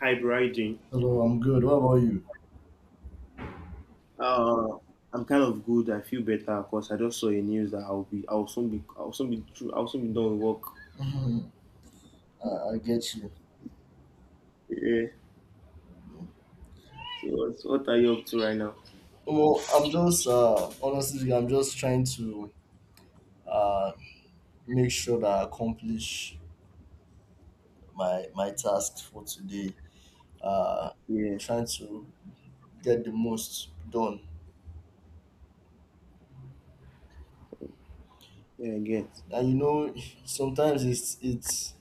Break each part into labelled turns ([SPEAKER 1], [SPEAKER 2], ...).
[SPEAKER 1] Hybriding.
[SPEAKER 2] Hello, I'm good. What about you?
[SPEAKER 1] Uh, I'm kind of good. I feel better because I just saw a news that I'll soon be done with work.
[SPEAKER 2] Mhm, I get you.
[SPEAKER 1] Yeah. What are you up to right now?
[SPEAKER 2] Well, I'm just honestly, I'm just trying to uh, make sure that I accomplish my task for today. Uh,
[SPEAKER 1] Yeah.
[SPEAKER 2] trying to get the most done,
[SPEAKER 1] Yeah, I get.
[SPEAKER 2] and you know, sometimes it's it's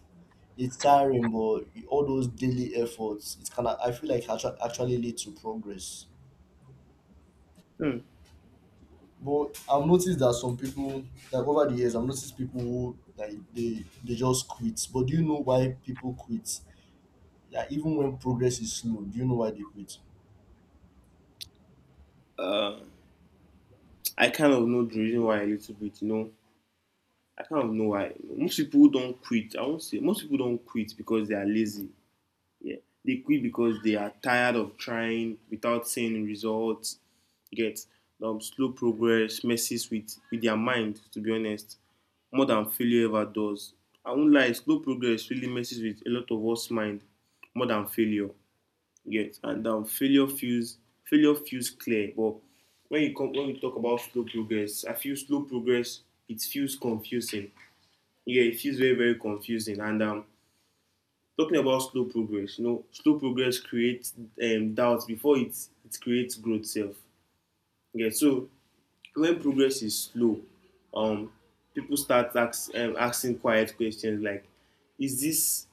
[SPEAKER 2] it's tiring, but all those daily efforts, it can I feel like actually lead to progress.
[SPEAKER 1] Hmm.
[SPEAKER 2] But I've noticed that some people, like over the years, I've noticed people who like they just quit. But do you know why people quit? Like even when progress is slow, do you know why they quit?
[SPEAKER 1] Uh, I kind of know the reason why a little bit. You know, I kind of know why. Most people don't quit. I won't say most people don't quit because they are lazy. Yeah. They quit because they are tired of trying without seeing results. You get slow progress messes with their mind, to be honest, more than failure ever does. I won't lie, slow progress really messes with a lot of us mind more than failure. Yes, and failure feels clear, but when you come when we talk about slow progress, I feel slow progress it feels confusing. Yeah, it feels very confusing. And talking about slow progress, you know, slow progress creates doubts before it creates growth self. Yeah, so when progress is slow, um people start asking quiet questions like, is this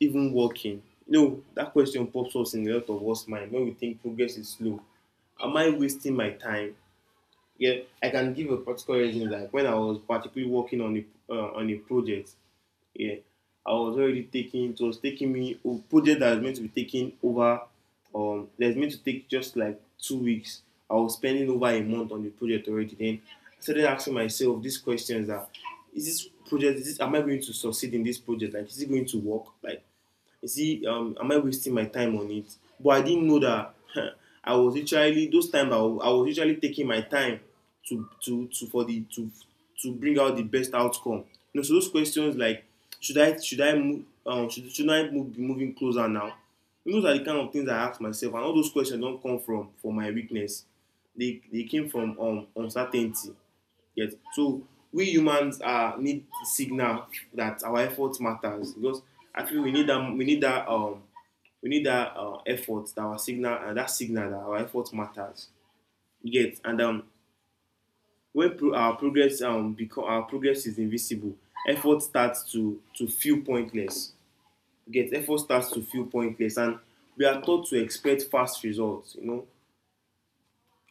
[SPEAKER 1] even working? You know, that question pops up in a lot of us mind when we think progress is slow. Am I wasting my time? Yeah, I can give a practical reason, like when I was particularly working on a project. Yeah, I was already taking. It was taking me a project that was meant to be taking over. That was meant to take just like 2 weeks. I was spending over a month on the project already. Then I started asking myself these questions: that is this project? Am I going to succeed in this project? Like, is it going to work? Like, is it am I wasting my time on it? But I didn't know that I was literally those I was literally taking my time to to to for the to to bring out the best outcome. You know, so those questions like, should I move, should I move, be moving closer now? Those are the kind of things I ask myself, and all those questions don't come from my weakness. They came from uncertainty. Yet, so we humans are need signal that our effort matters. Because I feel we need that effort that our signal, and that signal that our effort matters. You get. And our progress become our progress is invisible, effort starts to feel pointless. You get, effort starts to feel pointless. And we are taught to expect fast results. You know,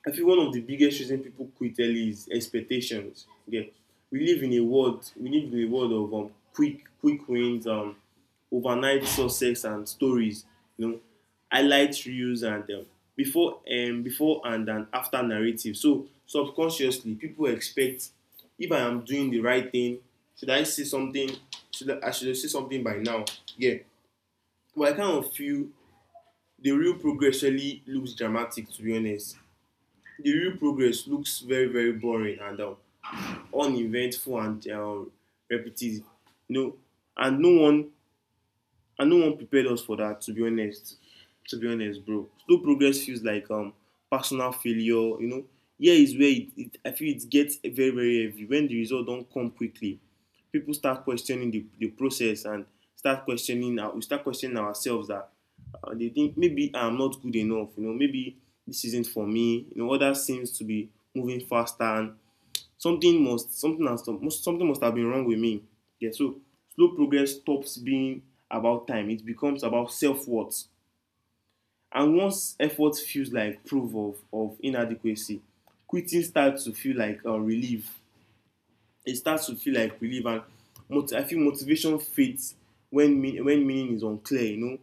[SPEAKER 1] I feel one of the biggest reasons people quit early is expectations. Yeah, we live in a world of quick wins, overnight success and stories. You know, highlight reels, and before before and after narrative. So subconsciously, people expect, if I am doing the right thing, should I see something? I should see something by now? Yeah, but I kind of feel the real progress really looks dramatic, to be honest. The real progress looks very boring, and uneventful, and repetitive. You know, and no one and no one prepared us for that. To be honest, bro, slow progress feels like personal failure. You know, here is where it I feel it gets very heavy when the result don't come quickly. People start questioning the process, and we start questioning ourselves that they think maybe I'm not good enough. You know, maybe this isn't for me. You know, others seems to be moving faster, and something must have been wrong with me. Yeah, so slow progress stops being about time, it becomes about self-worth. And once effort feels like proof of inadequacy, quitting starts to feel like relief. It starts to feel like relief. And moti I feel motivation fades when meaning is unclear. You know,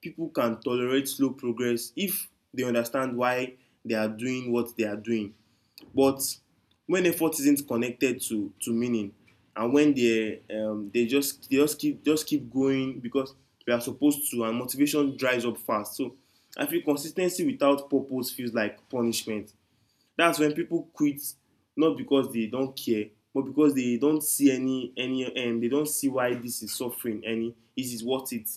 [SPEAKER 1] people can tolerate slow progress if they understand why they are doing what they are doing. But when effort isn't connected to meaning, and when they just keep going because they are supposed to, and motivation dries up fast. So I feel consis ten cy without purpose feels like punishment. That's when people quit, not because they don't care, but because they don't see any they don't see why this is suffering any it is worth it.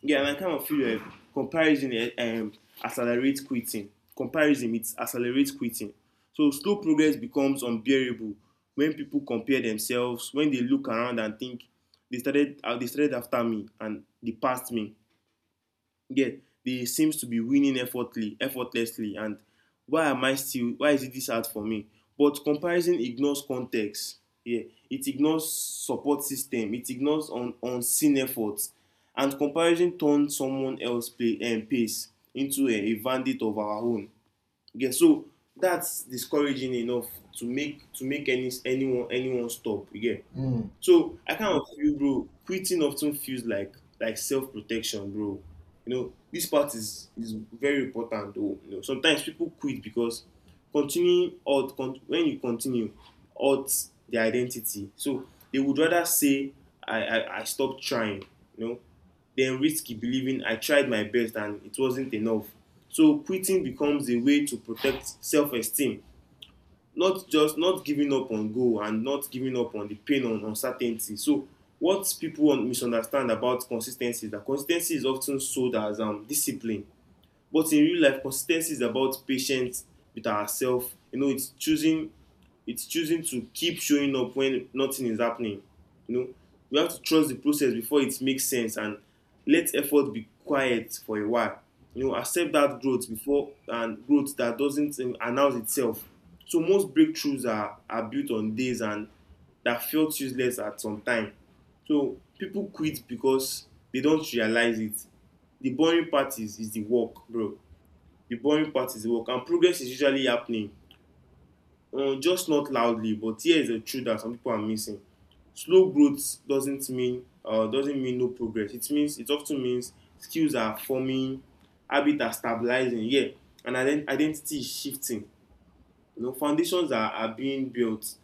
[SPEAKER 1] Yeah, and I kind of feel comparison accelerates quitting. Comparison, it accelerates quitting. So slow progress becomes unbearable when people compare themselves, when they look around and think, they started after me and they passed me. Get, they seems to be winning effortlessly. And why am I still, why is it this hard for me? But comparison ignores context. Yeah, it ignores support system, it ignores un unseen effort. And comparison turns someone else play, and pace into a bandit of our own. Yeah, so that's discouraging enough to make anyone stop. Yeah.
[SPEAKER 2] Mm.
[SPEAKER 1] So I kind of feel, bro, quitting often feels like self protection, bro. You know, this part is very important, though. You know, sometimes people quit because when you continue, odds their identity. So they would rather say, I stopped trying. You know, than risky believing I tried my best and it wasn't enough. So quitting becomes a way to protect self esteem, not just not giving up on goal, and not giving up on the pain on uncertainty. So what people misunderstand about consistency is that consistency is often sold as discipline. But in real life, consistency is about patience with ourselves. You know, it's choosing, it's choosing to keep showing up when nothing is happening. You know, we have to trust the process before it makes sense, and let effort be quiet for a while. You know, accept that growth before and growth that doesn't announce itself. So most breakthroughs are built on days and that felt useless at some time. So people quit because they don't realize it. The boring part is the work, bro. The boring part is the work, and progress is usually happening, just not loudly. But here is the truth that some people are missing: slow growth doesn't mean no progress. It means, it often means skills are forming, habits are stabilizing. Yeah, and identity is shifting. You know, foundations are being built,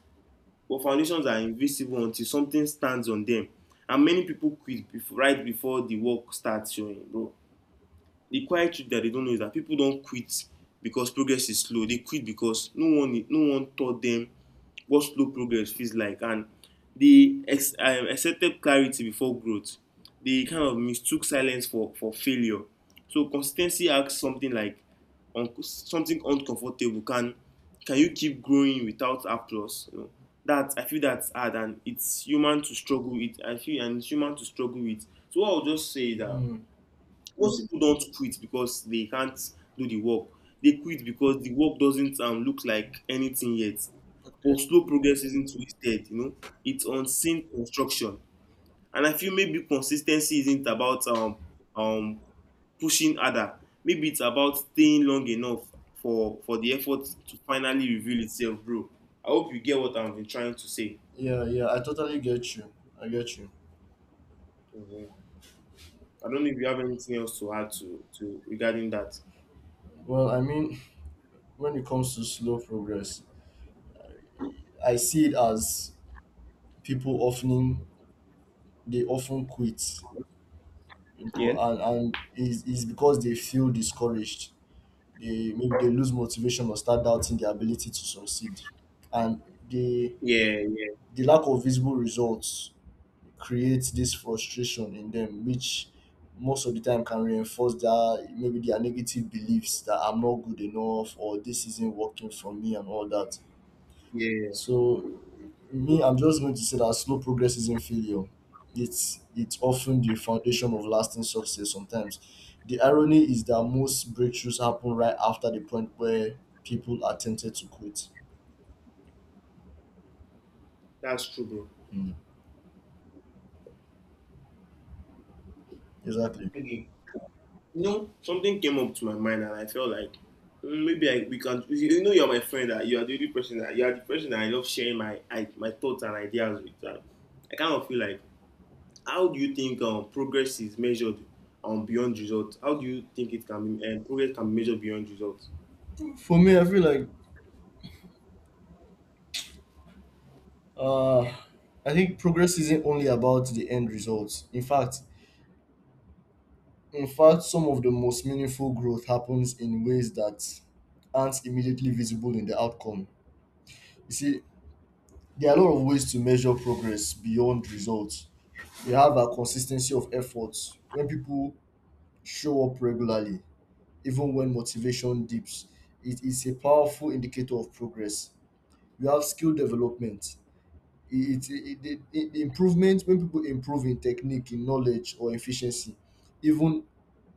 [SPEAKER 1] but foundations are invisible until something stands on them. And many people quit right before the work starts showing, bro. The quiet truth that they don't know is that people don't quit because progress is slow. They quit because no one taught them what slow progress feels like, and accepted clarity before growth. They kind of mistook silence for failure. So consistency asks something like something uncomfortable. Can you keep growing without applause? You know, that I feel that's hard, and it's human to struggle with. I feel, and it's human to struggle with. So what I'll just say is that
[SPEAKER 2] Mm.
[SPEAKER 1] most people don't quit because they can't do the work. They quit because the work doesn't look like anything yet.
[SPEAKER 2] Okay.
[SPEAKER 1] But slow progress isn't wasted, you know. It's unseen construction. And I feel maybe consistency isn't about um, pushing harder. Maybe it's about staying long enough for the effort to finally reveal itself, bro. I hope you get what I've been trying to say.
[SPEAKER 2] Yeah, yeah. I totally get you. I get you.
[SPEAKER 1] Mhm. I don't know if you have anything else to add to regarding that.
[SPEAKER 2] Well, I mean, when it comes to slow progress, I see it as people often they often quit, you know,
[SPEAKER 1] Yeah.
[SPEAKER 2] and it's because they feel discouraged, they maybe they lose motivation or start doubting their ability to succeed. And the
[SPEAKER 1] Yeah, yeah,
[SPEAKER 2] the lack of visible results creates this frustration in them, which most of the time can reinforce their maybe their negative beliefs that I'm not good enough or this isn't working for me and all that.
[SPEAKER 1] yeah.
[SPEAKER 2] So me, I'm just going to say that slow progress isn't failure. It's often the foundation of lasting success sometimes. The irony is that most breakthroughs happen right after the point where people are tempted to quit.
[SPEAKER 1] That's true, bro.
[SPEAKER 2] Mm. Exactly.
[SPEAKER 1] Okay. You know, something came up to my mind, and I felt like maybe we can. You know, you're my friend. That you are the person that I love sharing my thoughts and ideas with. And I kind of feel like, how do you think progress is measured beyond results? How do you think it can be progress can be measured beyond results?
[SPEAKER 2] For me, I feel like uh I think progress isn't only about the end results. In fact, some of the most meaningful growth happens in ways that aren't immediately visible in the outcome. You see, there are a lot of ways to measure progress beyond results. We have a consistency of efforts. When people show up regularly, even when motivation dips, it is a powerful indicator of progress. We have skill development. The improvement when people improve in technique, in knowledge, or efficiency, even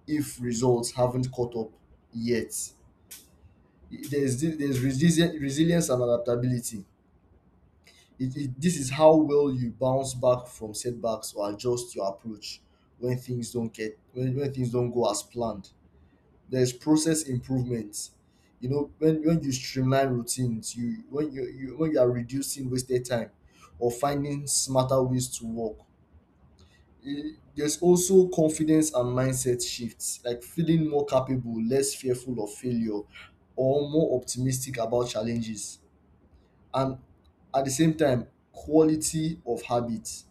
[SPEAKER 2] if results haven't caught up yet. There's resilience and adaptability, this is how well you bounce back from setbacks or adjust your approach when things don't get when things don't go as planned. There's process improvements, you know, when you streamline routines you when you, when you are reducing wasted time or finding smarter ways to work. Eh, there's also confidence and mindset shifts like feeling more capable, less fearful of failure or more optimistic about challenges, and at the same time quality of habits.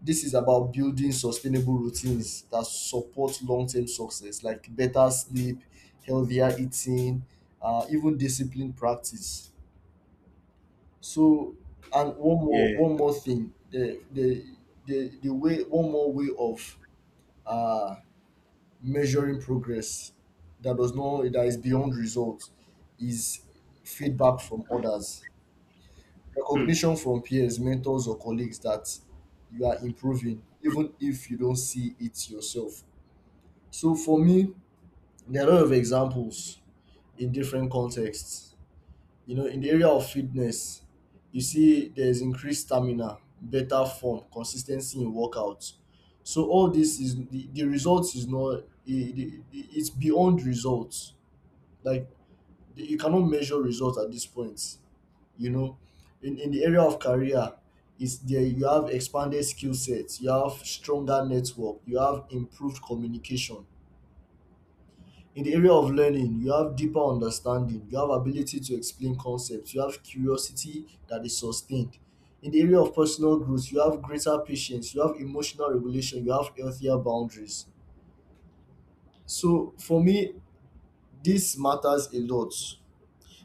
[SPEAKER 2] This is about building sustainable routines that support long-term success, like better sleep, healthier eating, even discipline practice. So, and
[SPEAKER 1] Yeah,
[SPEAKER 2] one more thing, the way one more way of uh, measuring progress that does not that is beyond results is feedback from others,
[SPEAKER 1] hmm.
[SPEAKER 2] recognition from peers, mentors or colleagues that you are improving even if you don't see it yourself. So for me, there are a lot of examples in different contexts, you know. In the area of fitness, you see there's increased stamina, better form, consistency in workouts, so all this is the results is not it's beyond results, like you cannot measure results at this point, you know. In the area of career, is there you have expanded skill sets, you have stronger network, you have improved communication. In the area of learning you have deeper understanding, you have ability to explain concepts, you have curiosity that is sustained. In the area of personal growth you have greater patience, you have emotional regulation, you have healthier boundaries. So for me this matters a lot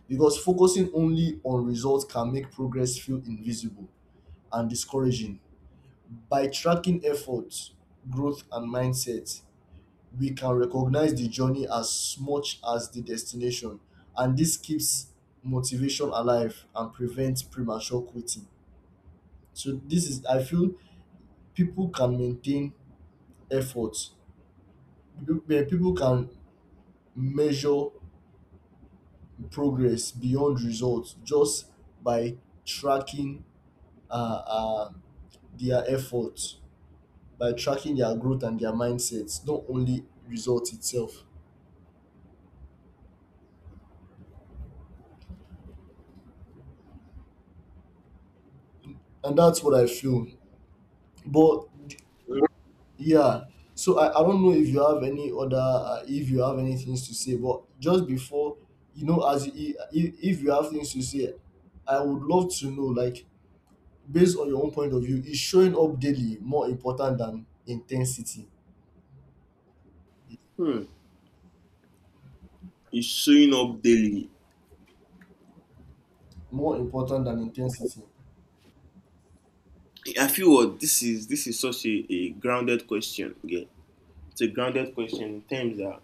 [SPEAKER 2] because focusing only on results can make progress feel invisible and discouraging. By tracking efforts, growth and mindset, we can recognize the journey as much as the destination, and this keeps motivation alive and prevents premature quitting. So this is, I feel, people can maintain efforts. People can measure progress beyond results just by tracking uh, uh, their efforts, by tracking their growth and their mindsets, not only result itself. And that's what I feel. But yeah, so I don't know if you have any other if you have any things to say, but just before, you know, if you have things to say, I would love to know, like based on your own point of view, is showing up daily more important than intensity?
[SPEAKER 1] It's showing up daily.
[SPEAKER 2] More important than intensity?
[SPEAKER 1] I feel what this is. This is such a grounded question. Yeah, it's a grounded question in terms that,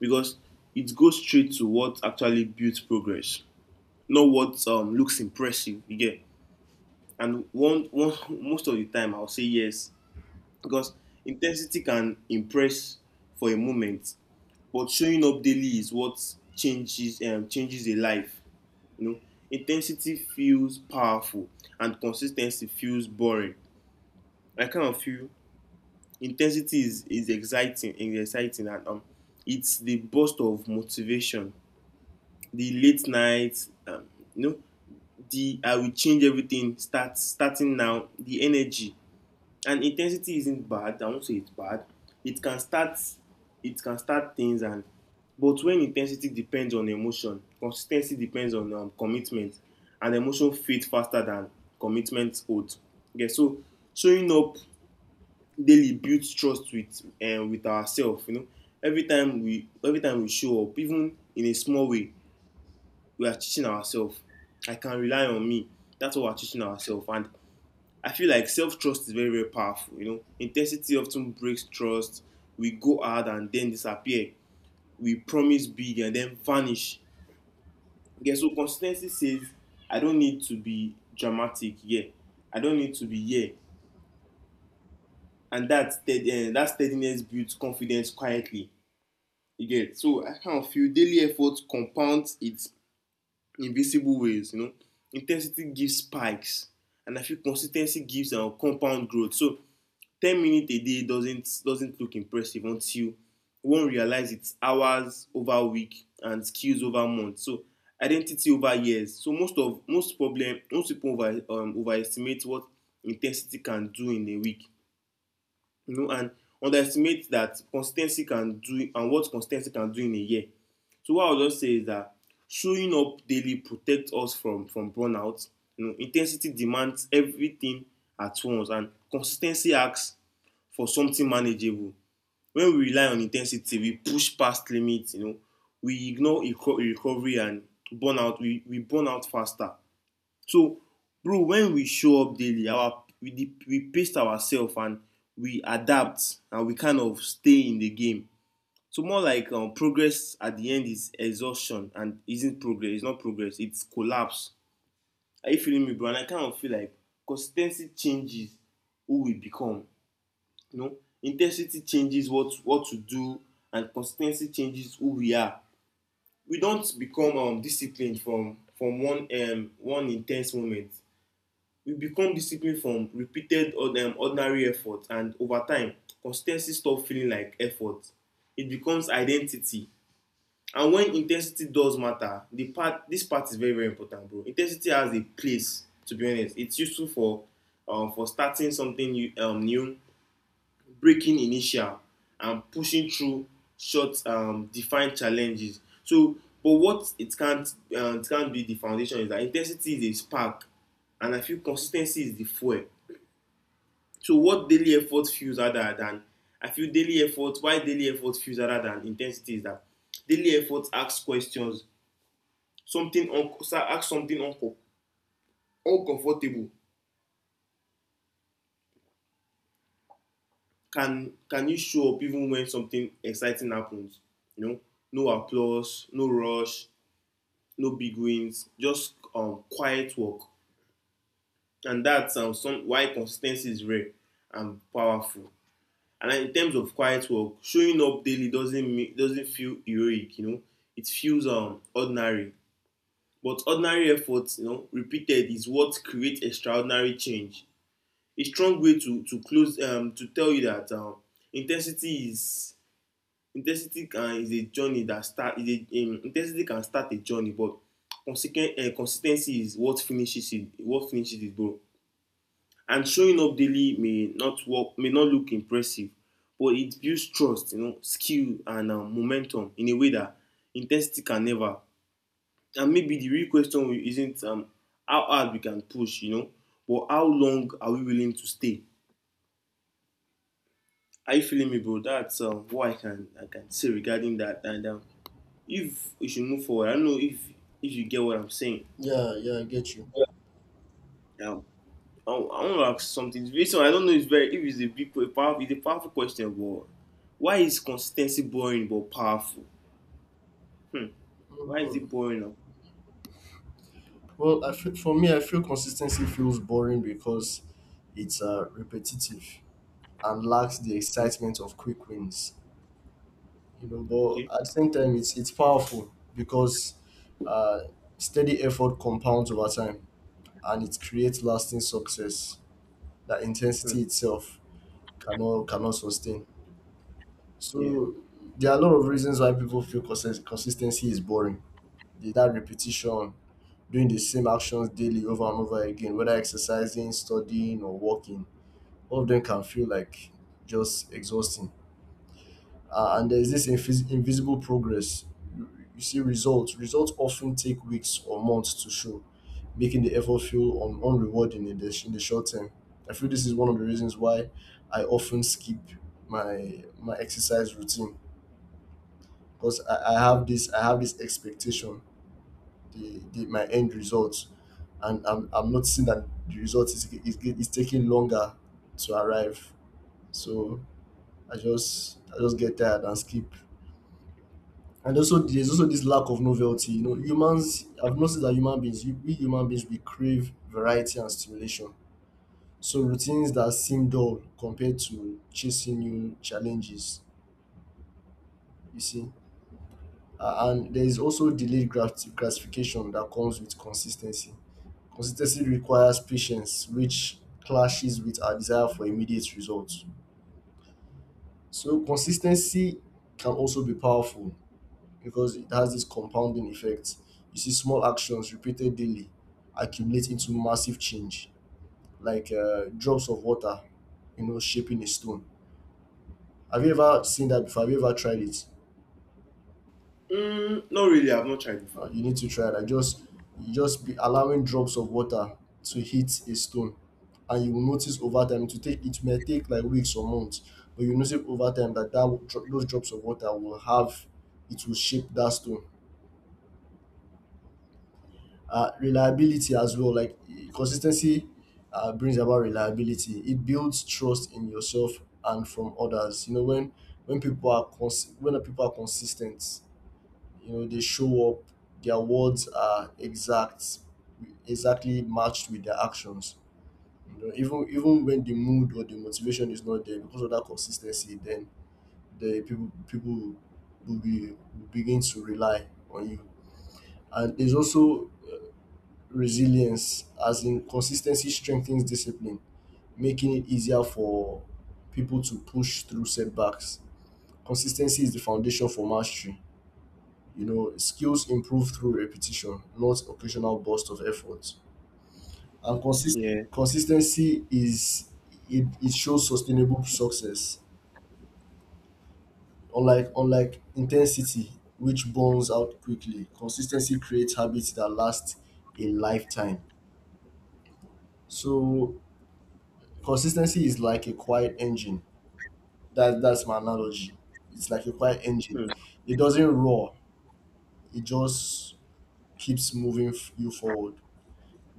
[SPEAKER 1] because it goes straight to what actually builds progress, not what looks impressive. You get. And one most of the time I'll say yes, because intensity can impress for a moment, but showing up daily is what changes a life. You know, intensity feels powerful and consistency feels boring. I kind of feel intensity is exciting, is exciting, and it's the burst of motivation, the late nights, you know, the I will change everything, starting now, the energy. And intensity isn't bad, I won't say it's bad. It can start, it can start things and, but when intensity depends on emotion, consistency depends on commitment, and emotion fades faster than commitment would. Okay, so showing up daily builds trust with ourselves. You know, every time we show up, even in a small way, we are teaching ourselves. I can rely on me. That's what we're teaching ourselves. And I feel like self trust is very, very powerful. You know, intensity often breaks trust. We go hard and then disappear. We promise big and then vanish. Okay, so consistency says, I don't need to be dramatic here. I don't need to be here. And that, that steadiness builds confidence quietly. You get, so I kind of feel daily effort compounds its invisible ways. You know, intensity gives spikes, and I feel consistency gives compound growth. So 10 minutes a day doesn't look impressive until one realize it's hours over week and skills over month, so identity over years. So most people overestimate what intensity can do in a week, you know, and underestimate that consistency can do and what consistency can do in a year. So what I would just say is that showing up daily protect us from burnout. You know, intensity demands everything at once, and consistency asks for something manageable. When we rely on intensity we push past limits, you know, we ignore recovery and burnout we burn out faster. So, bro, when we show up daily, we pace ourselves and we adapt and we kind of stay in the game. So more like, progress at the end is exhaustion and isn't progress. It's not progress. It's collapse. Are you feeling me, bro? And I kind of feel like consistency changes who we become. You know, intensity changes what to do, and consistency changes who we are. We don't become disciplined from one intense moment. We become disciplined from repeated ordinary effort, and over time consistency stops feeling like effort. It becomes identity. And when intensity does matter, the part this part is very, very important, bro. Intensity has a place, to be honest. It's useful for starting something new, new, breaking inertia, and pushing through short, defined challenges. So but what it can't, it can't be the foundation, is that intensity is a spark and I feel consistency is the fuel. So what daily effort feels harder than I feel daily effort why daily effort feels harder than intensity is that daily effort asks questions, something un ask something uncom uncomfortable. Can you show up even when something exciting happens? You know, no applause, no rush, no big wins, just quiet work. And that's some why consis ten cy is rare and powerful. And like, in terms of quiet work, showing up daily doesn't mean, doesn't feel heroic, you know. It feels ordinary. But ordinary efforts, you know, repeated is what creates extraordinary change. A strong way to close, to tell you that intensity is intensity is a journey that start is a intensity can start a journey, but consequent consistency is what finishes it. What finishes it, bro. And showing up daily may not work, may not look impressive, but it builds trust, you know, skill and momentum in a way that intensity can never. And maybe the real question isn't, how hard we can push, you know, but how long are we willing to stay? Are you feeling me, bro? That's what I can say regarding that. And if we should move forward, I don't know if you get what I'm saying.
[SPEAKER 2] Yeah, yeah, I get you.
[SPEAKER 1] Yeah. I want to ask something. This one, I don't know if, if it's a big, it's a powerful question, but why is consistency boring but powerful? Hmm. Why is
[SPEAKER 2] Mhm.
[SPEAKER 1] it boring? And-
[SPEAKER 2] Well, I feel, for me, I feel consistency feels boring because it's repetitive and lacks the
[SPEAKER 1] Okay.
[SPEAKER 2] excitement of quick wins. You know, but
[SPEAKER 1] Okay.
[SPEAKER 2] at the same time it's powerful because uh, steady effort compounds over time and it creates lasting success that
[SPEAKER 1] Hmm.
[SPEAKER 2] intensity itself cannot sustain.
[SPEAKER 1] Yeah.
[SPEAKER 2] So there are a lot of reasons why people feel consistency is boring. That repetition, doing the same actions daily over and over again, whether exercising, studying or walking, all of them can feel like just exhausting. And there's this invisible progress. You, you see results. Results often take weeks or months to show, making the effort feel unrewarding in the, in the short term. I feel this is one of the reasons why I often skip my exercise routine because I have this expectation, the my end results, and I'm noticing that the result is taking longer to arrive, so I just get tired and skip. And also, there's also this lack of novelty. You know, I've noticed that human beings, we human beings, we crave variety and stimulation. So routines that seem dull compared to chasing new challenges, you see. And there is also delayed gratification that comes with consistency. Consistency requires patience, which clashes with our desire for immediate results. So consistency can also be powerful because it has this compounding effect. You see, small actions repeated daily accumulate into massive change, like drops of water, you know, shaping a stone. Have you ever seen that before? Have you ever tried it?
[SPEAKER 1] Mm, not really. I've not tried before.
[SPEAKER 2] You need to try that. Just, you just be allowing drops of water to hit a stone, and you will notice over time. To take it may take like weeks or months, but you notice over time that those drops of water will have, it will shape that stone. Uh, reliability as well. Like consistency brings about reliability. It builds trust in yourself and from others. You know, when when people are consistent, you know they show up. Their words are exact, exactly matched with their actions. You know, even even when the mood or the motivation is not there, because of that consistency, then the people people will begin to rely on you. And there's also resilience, as in consistency strengthens discipline, making it easier for people to push through setbacks. Consistency is the foundation for mastery, you know, skills improve through repetition, not occasional bursts of effort. And
[SPEAKER 1] Yeah.
[SPEAKER 2] consistency is, it shows sustainable success, unlike intensity, which burns out quickly. Consistency creates habits that last a lifetime. So consistency is like a quiet engine. That that's my analogy. It's like a quiet engine.
[SPEAKER 1] Hmm.
[SPEAKER 2] It doesn't roar. It just keeps moving you forward.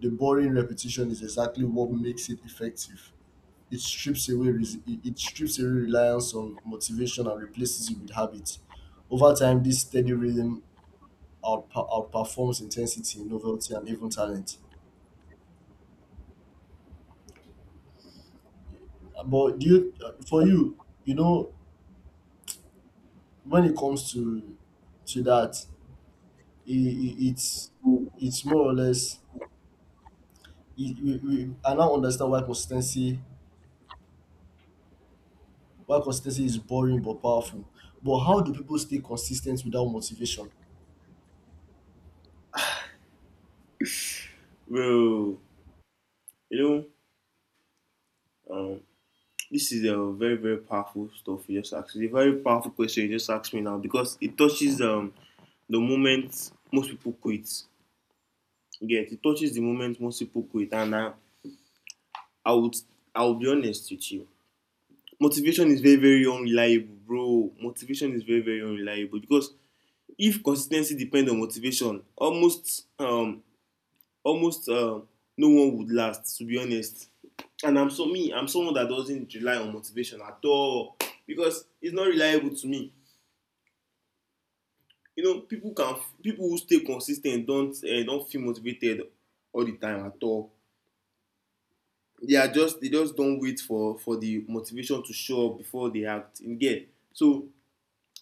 [SPEAKER 2] The boring repetition is exactly what makes it effective. It strips away it strips away reliance on motivation and replaces it with habit. Over time, this steady rhythm outperforms intensity, novelty, and even talent. But do you, for you, you know, when it comes to that, it, it, it's it's more or less it, I now understand why consistency, is boring but powerful. But how do people stay consistent without motivation?
[SPEAKER 1] Well, you know, um, this is a very, very powerful stuff you just asked. It's a very powerful question you just asked me now because it touches the moment most people quit. Yeah, it touches the moment most people quit, and I would, I will be honest with you. Motivation is very, very unreliable, bro. Motivation is very, very unreliable because if consis ten cy depend on motivation, almost no one would last, to be honest. And I'm so me I'm someone that doesn't rely on motivation at all because it's not reliable to me. You know, people who stay consis ten t don't feel motivated all the time at all. They just don wait for the motivation to show up before they act. You get, so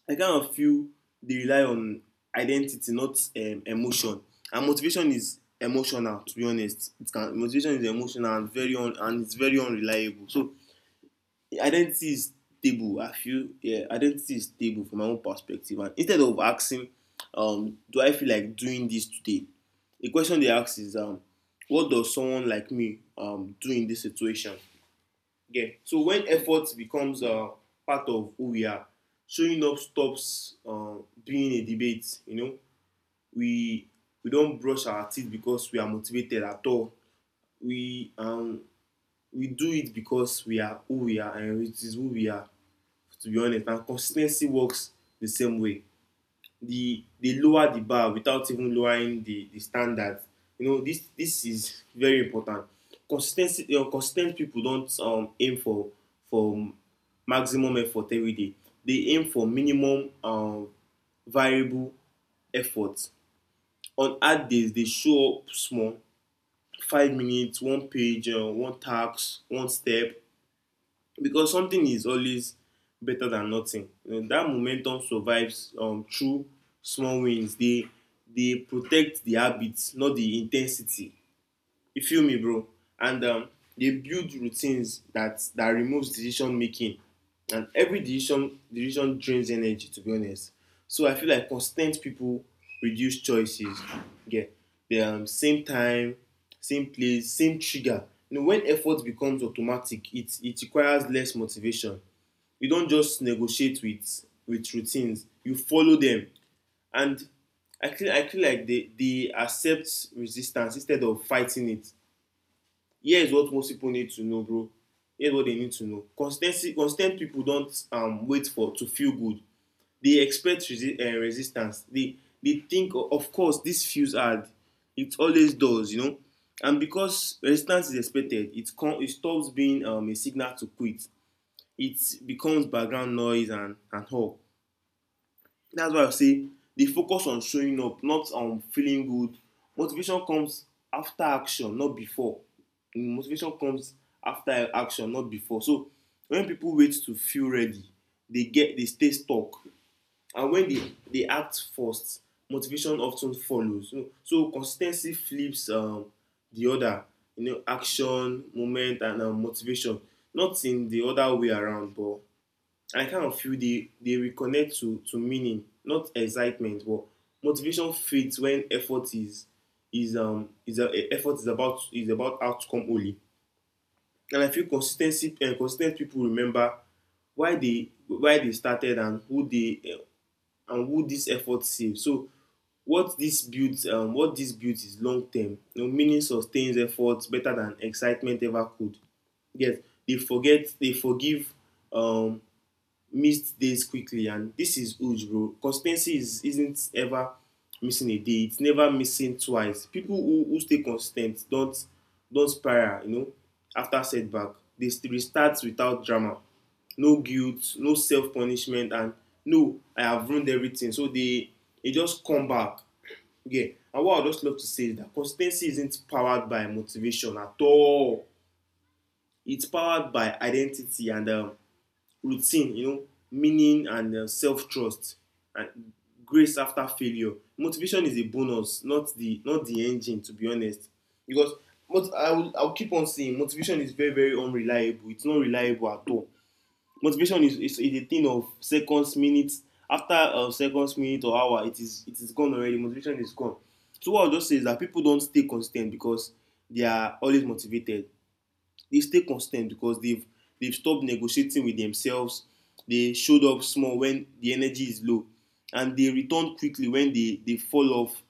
[SPEAKER 1] I kind of feel they rely on identity, not emotion. And motivation is emotional. To be honest, motivation is emotional and it's very unreliable. So identity is stable. I feel, yeah, identity is stable from my own perspective. And instead of asking, do I feel like doing this today? The question they ask is, what does someone like me do in this situation? Yeah. So when effort becomes part of who we are, showing up stops being a debate. You know, we we don't brush our teeth because we are motivated at all. We um we do it because we are who we are and it is who we are. To be honest, and consis ten cy works the same way. They lower the bar without even lowering the standard. You know, this is very important. Consistency, you know, consistent people don't aim for maximum effort every day. They aim for minimum, variable effort. On hard days they show up small: 5 minutes, one page, one task, one step, because something is always better than nothing. You know, that momentum survives through small wins. They protect the habit, not the intensity. You feel me, bro? And they build routines that removes decision making, and every decision drains energy, to be honest. So I feel like constant people reduce choices. Yeah, the, same time, same place, same trigger. You know, when effort becomes automatic, it requires less motivation. You don't just negotiate with routines, you follow them. And I feel like they accept resistance instead of fighting it. Here's what most people need to know, bro. Here's what they need to know. Consistent people don't, wait for to feel good. They expect resistance. They think, "Oh, of course, this feels hard. It always does, you know." And because resistance is expected, it stops being, a signal to quit. It becomes background noise and all. That's why I say dey focus on showing up, not on feeling good. Motivation comes after action, not before. Mm, motivation comes after action, not before. So when people wait to feel ready, they stay stuck, and when they act first, motivation of ten follows. So consis ten cy flips, the order. You know, action moment and, motivation, not in the other way around. But I kind of feel they reconnect to meaning, not excitement, but motivation fades when effort is, effort is about, is about outcome only. And I feel consistency and, consistent people remember why they started and and who this effort saved. So what this builds, what this builds is long term. You know, meaning sustains efforts better than excitement ever could. Yes, they forgive um missed days quickly, and this is huge, bro. Consistency is, isn't ever missing a day. It's never missing twice. People who stay consistent don't spiral, you know, after setback. They restart without drama, no guilt, no self punishment, and no, I have ruined everything. So they just come back. Yeah. And what I just love to say is that consistency isn't powered by motivation at all. It's powered by identity and, routine, you know, meaning and, self-trust, and grace after failure. Motivation is a bonus, not the, not the engine, to be honest. Because I will keep on saying motivation is very, very unreliable. It's not reliable at all. Motivation is is a thing of seconds, minutes. After a, seconds, minute or hour, it is gone already. Motivation is gone. So what I will just say is that people don stay consis ten t because they are always motivated. They stay constant because they've stopped negotiating with themselves. They showed up small when the energy is low, and they return quickly when they fall off.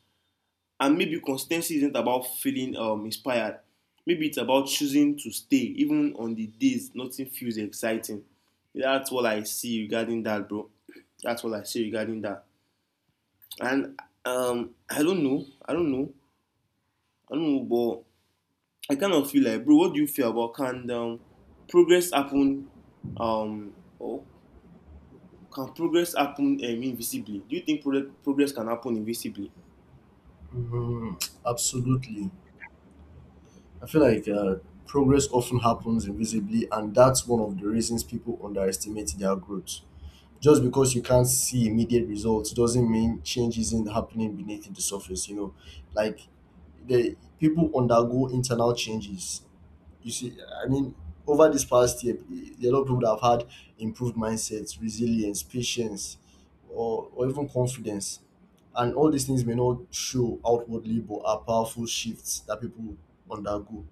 [SPEAKER 1] And maybe constancy isn't about feeling, inspired. Maybe it's about choosing to stay even on the days nothing feels exciting. That's what I see regarding that, bro. That's what I see regarding that. And um, I don't know, I don't know, I don't know, but I kind of feel like, bro, what do you feel about, progress happen, um, or can progress happen, invisibly? Do you think progress can happen invisibly?
[SPEAKER 2] Mm, absolutely, I feel like progress often happens invisibly, and that's one of the reasons people underestimate their growth. Just because you can't see immediate results doesn't mean change isn't happening beneath the surface. You know, like the people undergo internal changes. You see, I mean, over this past year, there are a lot of people that have had improved mindsets, resilience, patience, or even confidence. And all these things may not show outwardly, but are powerful shifts that people undergo.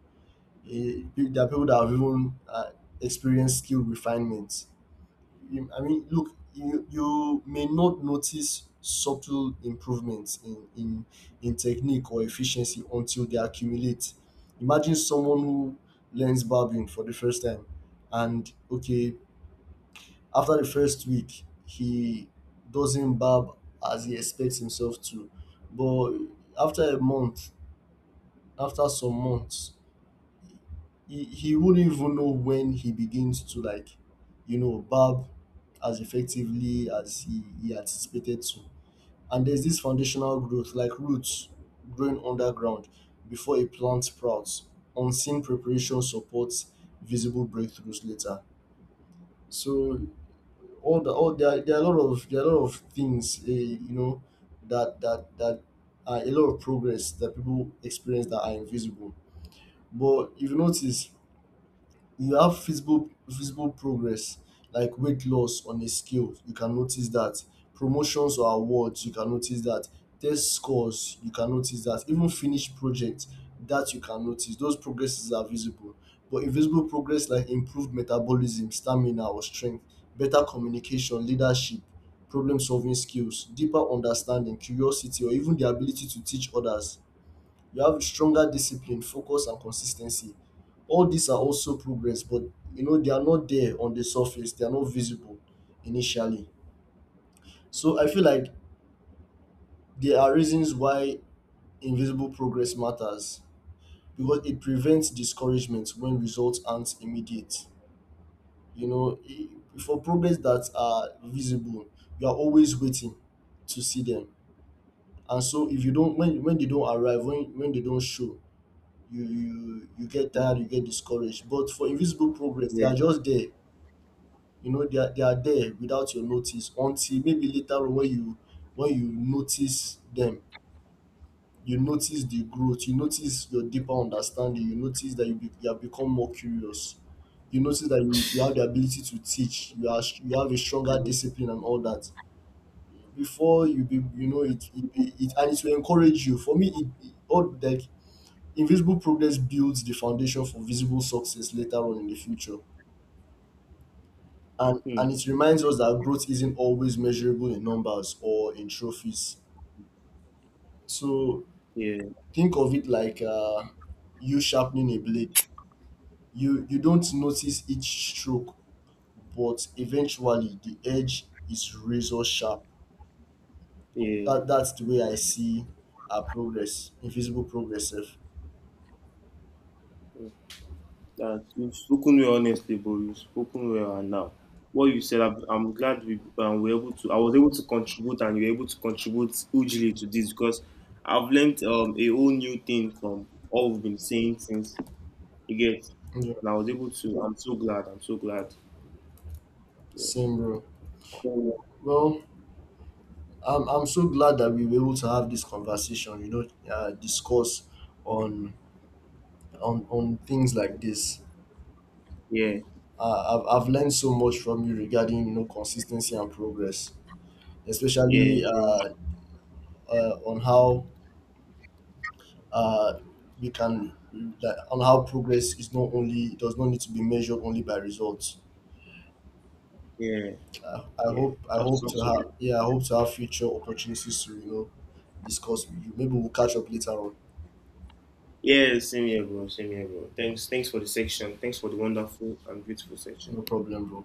[SPEAKER 2] Eh, there are people that have even experienced skill refinement. I mean, look, you may not notice subtle improvements in in technique or efficiency until they accumulate. Imagine someone who learns barbering for the first time, and okay, after the first week, he doesn't barb as he expects himself to, but after a month, after some months, he wouldn't even know when he begins to like, you know, barb as effectively as he anticipated to. And there's this foundational growth, like roots growing underground before a plant sprouts, unseen preparation supports visible breakthroughs later. So all the all there are a lot of there are a lot of things, you know, that are a lot of progress that people experience that are invisible. But if you notice, you have visible progress, like weight loss on a scale, you can notice that. Promotions or awards, you can notice that. Test scores, you can notice that. Even finished projects, that you can notice. Those progresses are visible. But invisible progress like improved metabolism, stamina or strength, better communication, leadership, problem solving skills, deeper understanding, curiosity, or even the ability to teach others. You have stronger discipline, focus and consistency. All these are also progress, but you know, they are not there on the surface. They are not visible initially. So I feel like there are reasons why invisible progress matters, because it prevents discouragement when results aren't immediate. You know, for progress that are visible, you are always waiting to see them, and so if you don't, when they don't arrive, when they don't show, you get tired, you get discouraged. But for invisible progress, they
[SPEAKER 1] Yeah.
[SPEAKER 2] are just there. You know, they are there without your notice until maybe later on when you notice them, you notice the growth, you notice your deeper understanding, you notice that you have become more curious. You notice that you have the ability to teach, you have a stronger discipline and all that. Before you be you know it, and it will encourage you. For me, it all like invisible progress builds the foundation for visible success later on in the future.
[SPEAKER 1] Hmm.
[SPEAKER 2] And it reminds us that growth isn't always measurable in numbers or in trophies. So
[SPEAKER 1] Yeah.
[SPEAKER 2] think of it like you sharpening a blade. You don't notice each stroke, but eventually the edge is razor sharp.
[SPEAKER 1] Yeah.
[SPEAKER 2] That's the way I see our progress, invisible progress. Sef.
[SPEAKER 1] Hmm. That you've spoken well, honestly, bro. You've spoken well, and now what you said, I'm glad we, were able to. I was able to contribute, and you were able to contribute hugely to this because I've learned, a whole new thing from all we've been saying since. You get?
[SPEAKER 2] Yeah,
[SPEAKER 1] And I was able to. I'm so glad. I'm so glad.
[SPEAKER 2] same bro. Well, I'm so glad that we were able to have this conversation. You know, discuss on on things like this.
[SPEAKER 1] Yeah,
[SPEAKER 2] I've learned so much from you regarding, you know, consistency and progress,
[SPEAKER 1] yeah,
[SPEAKER 2] especially
[SPEAKER 1] bro.
[SPEAKER 2] on how uh, we can that on how progress is not only it does not need to be measured only by results.
[SPEAKER 1] Yeah, yeah.
[SPEAKER 2] I
[SPEAKER 1] That's
[SPEAKER 2] hope to
[SPEAKER 1] also.
[SPEAKER 2] have I hope to have future opportunities to, you know, discuss with you. Maybe we'll catch up later on.
[SPEAKER 1] Yeah, same here, bro. Same here, bro. Thanks, thanks for the section. Thanks for the wonderful and beautiful section.
[SPEAKER 2] No problem, bro.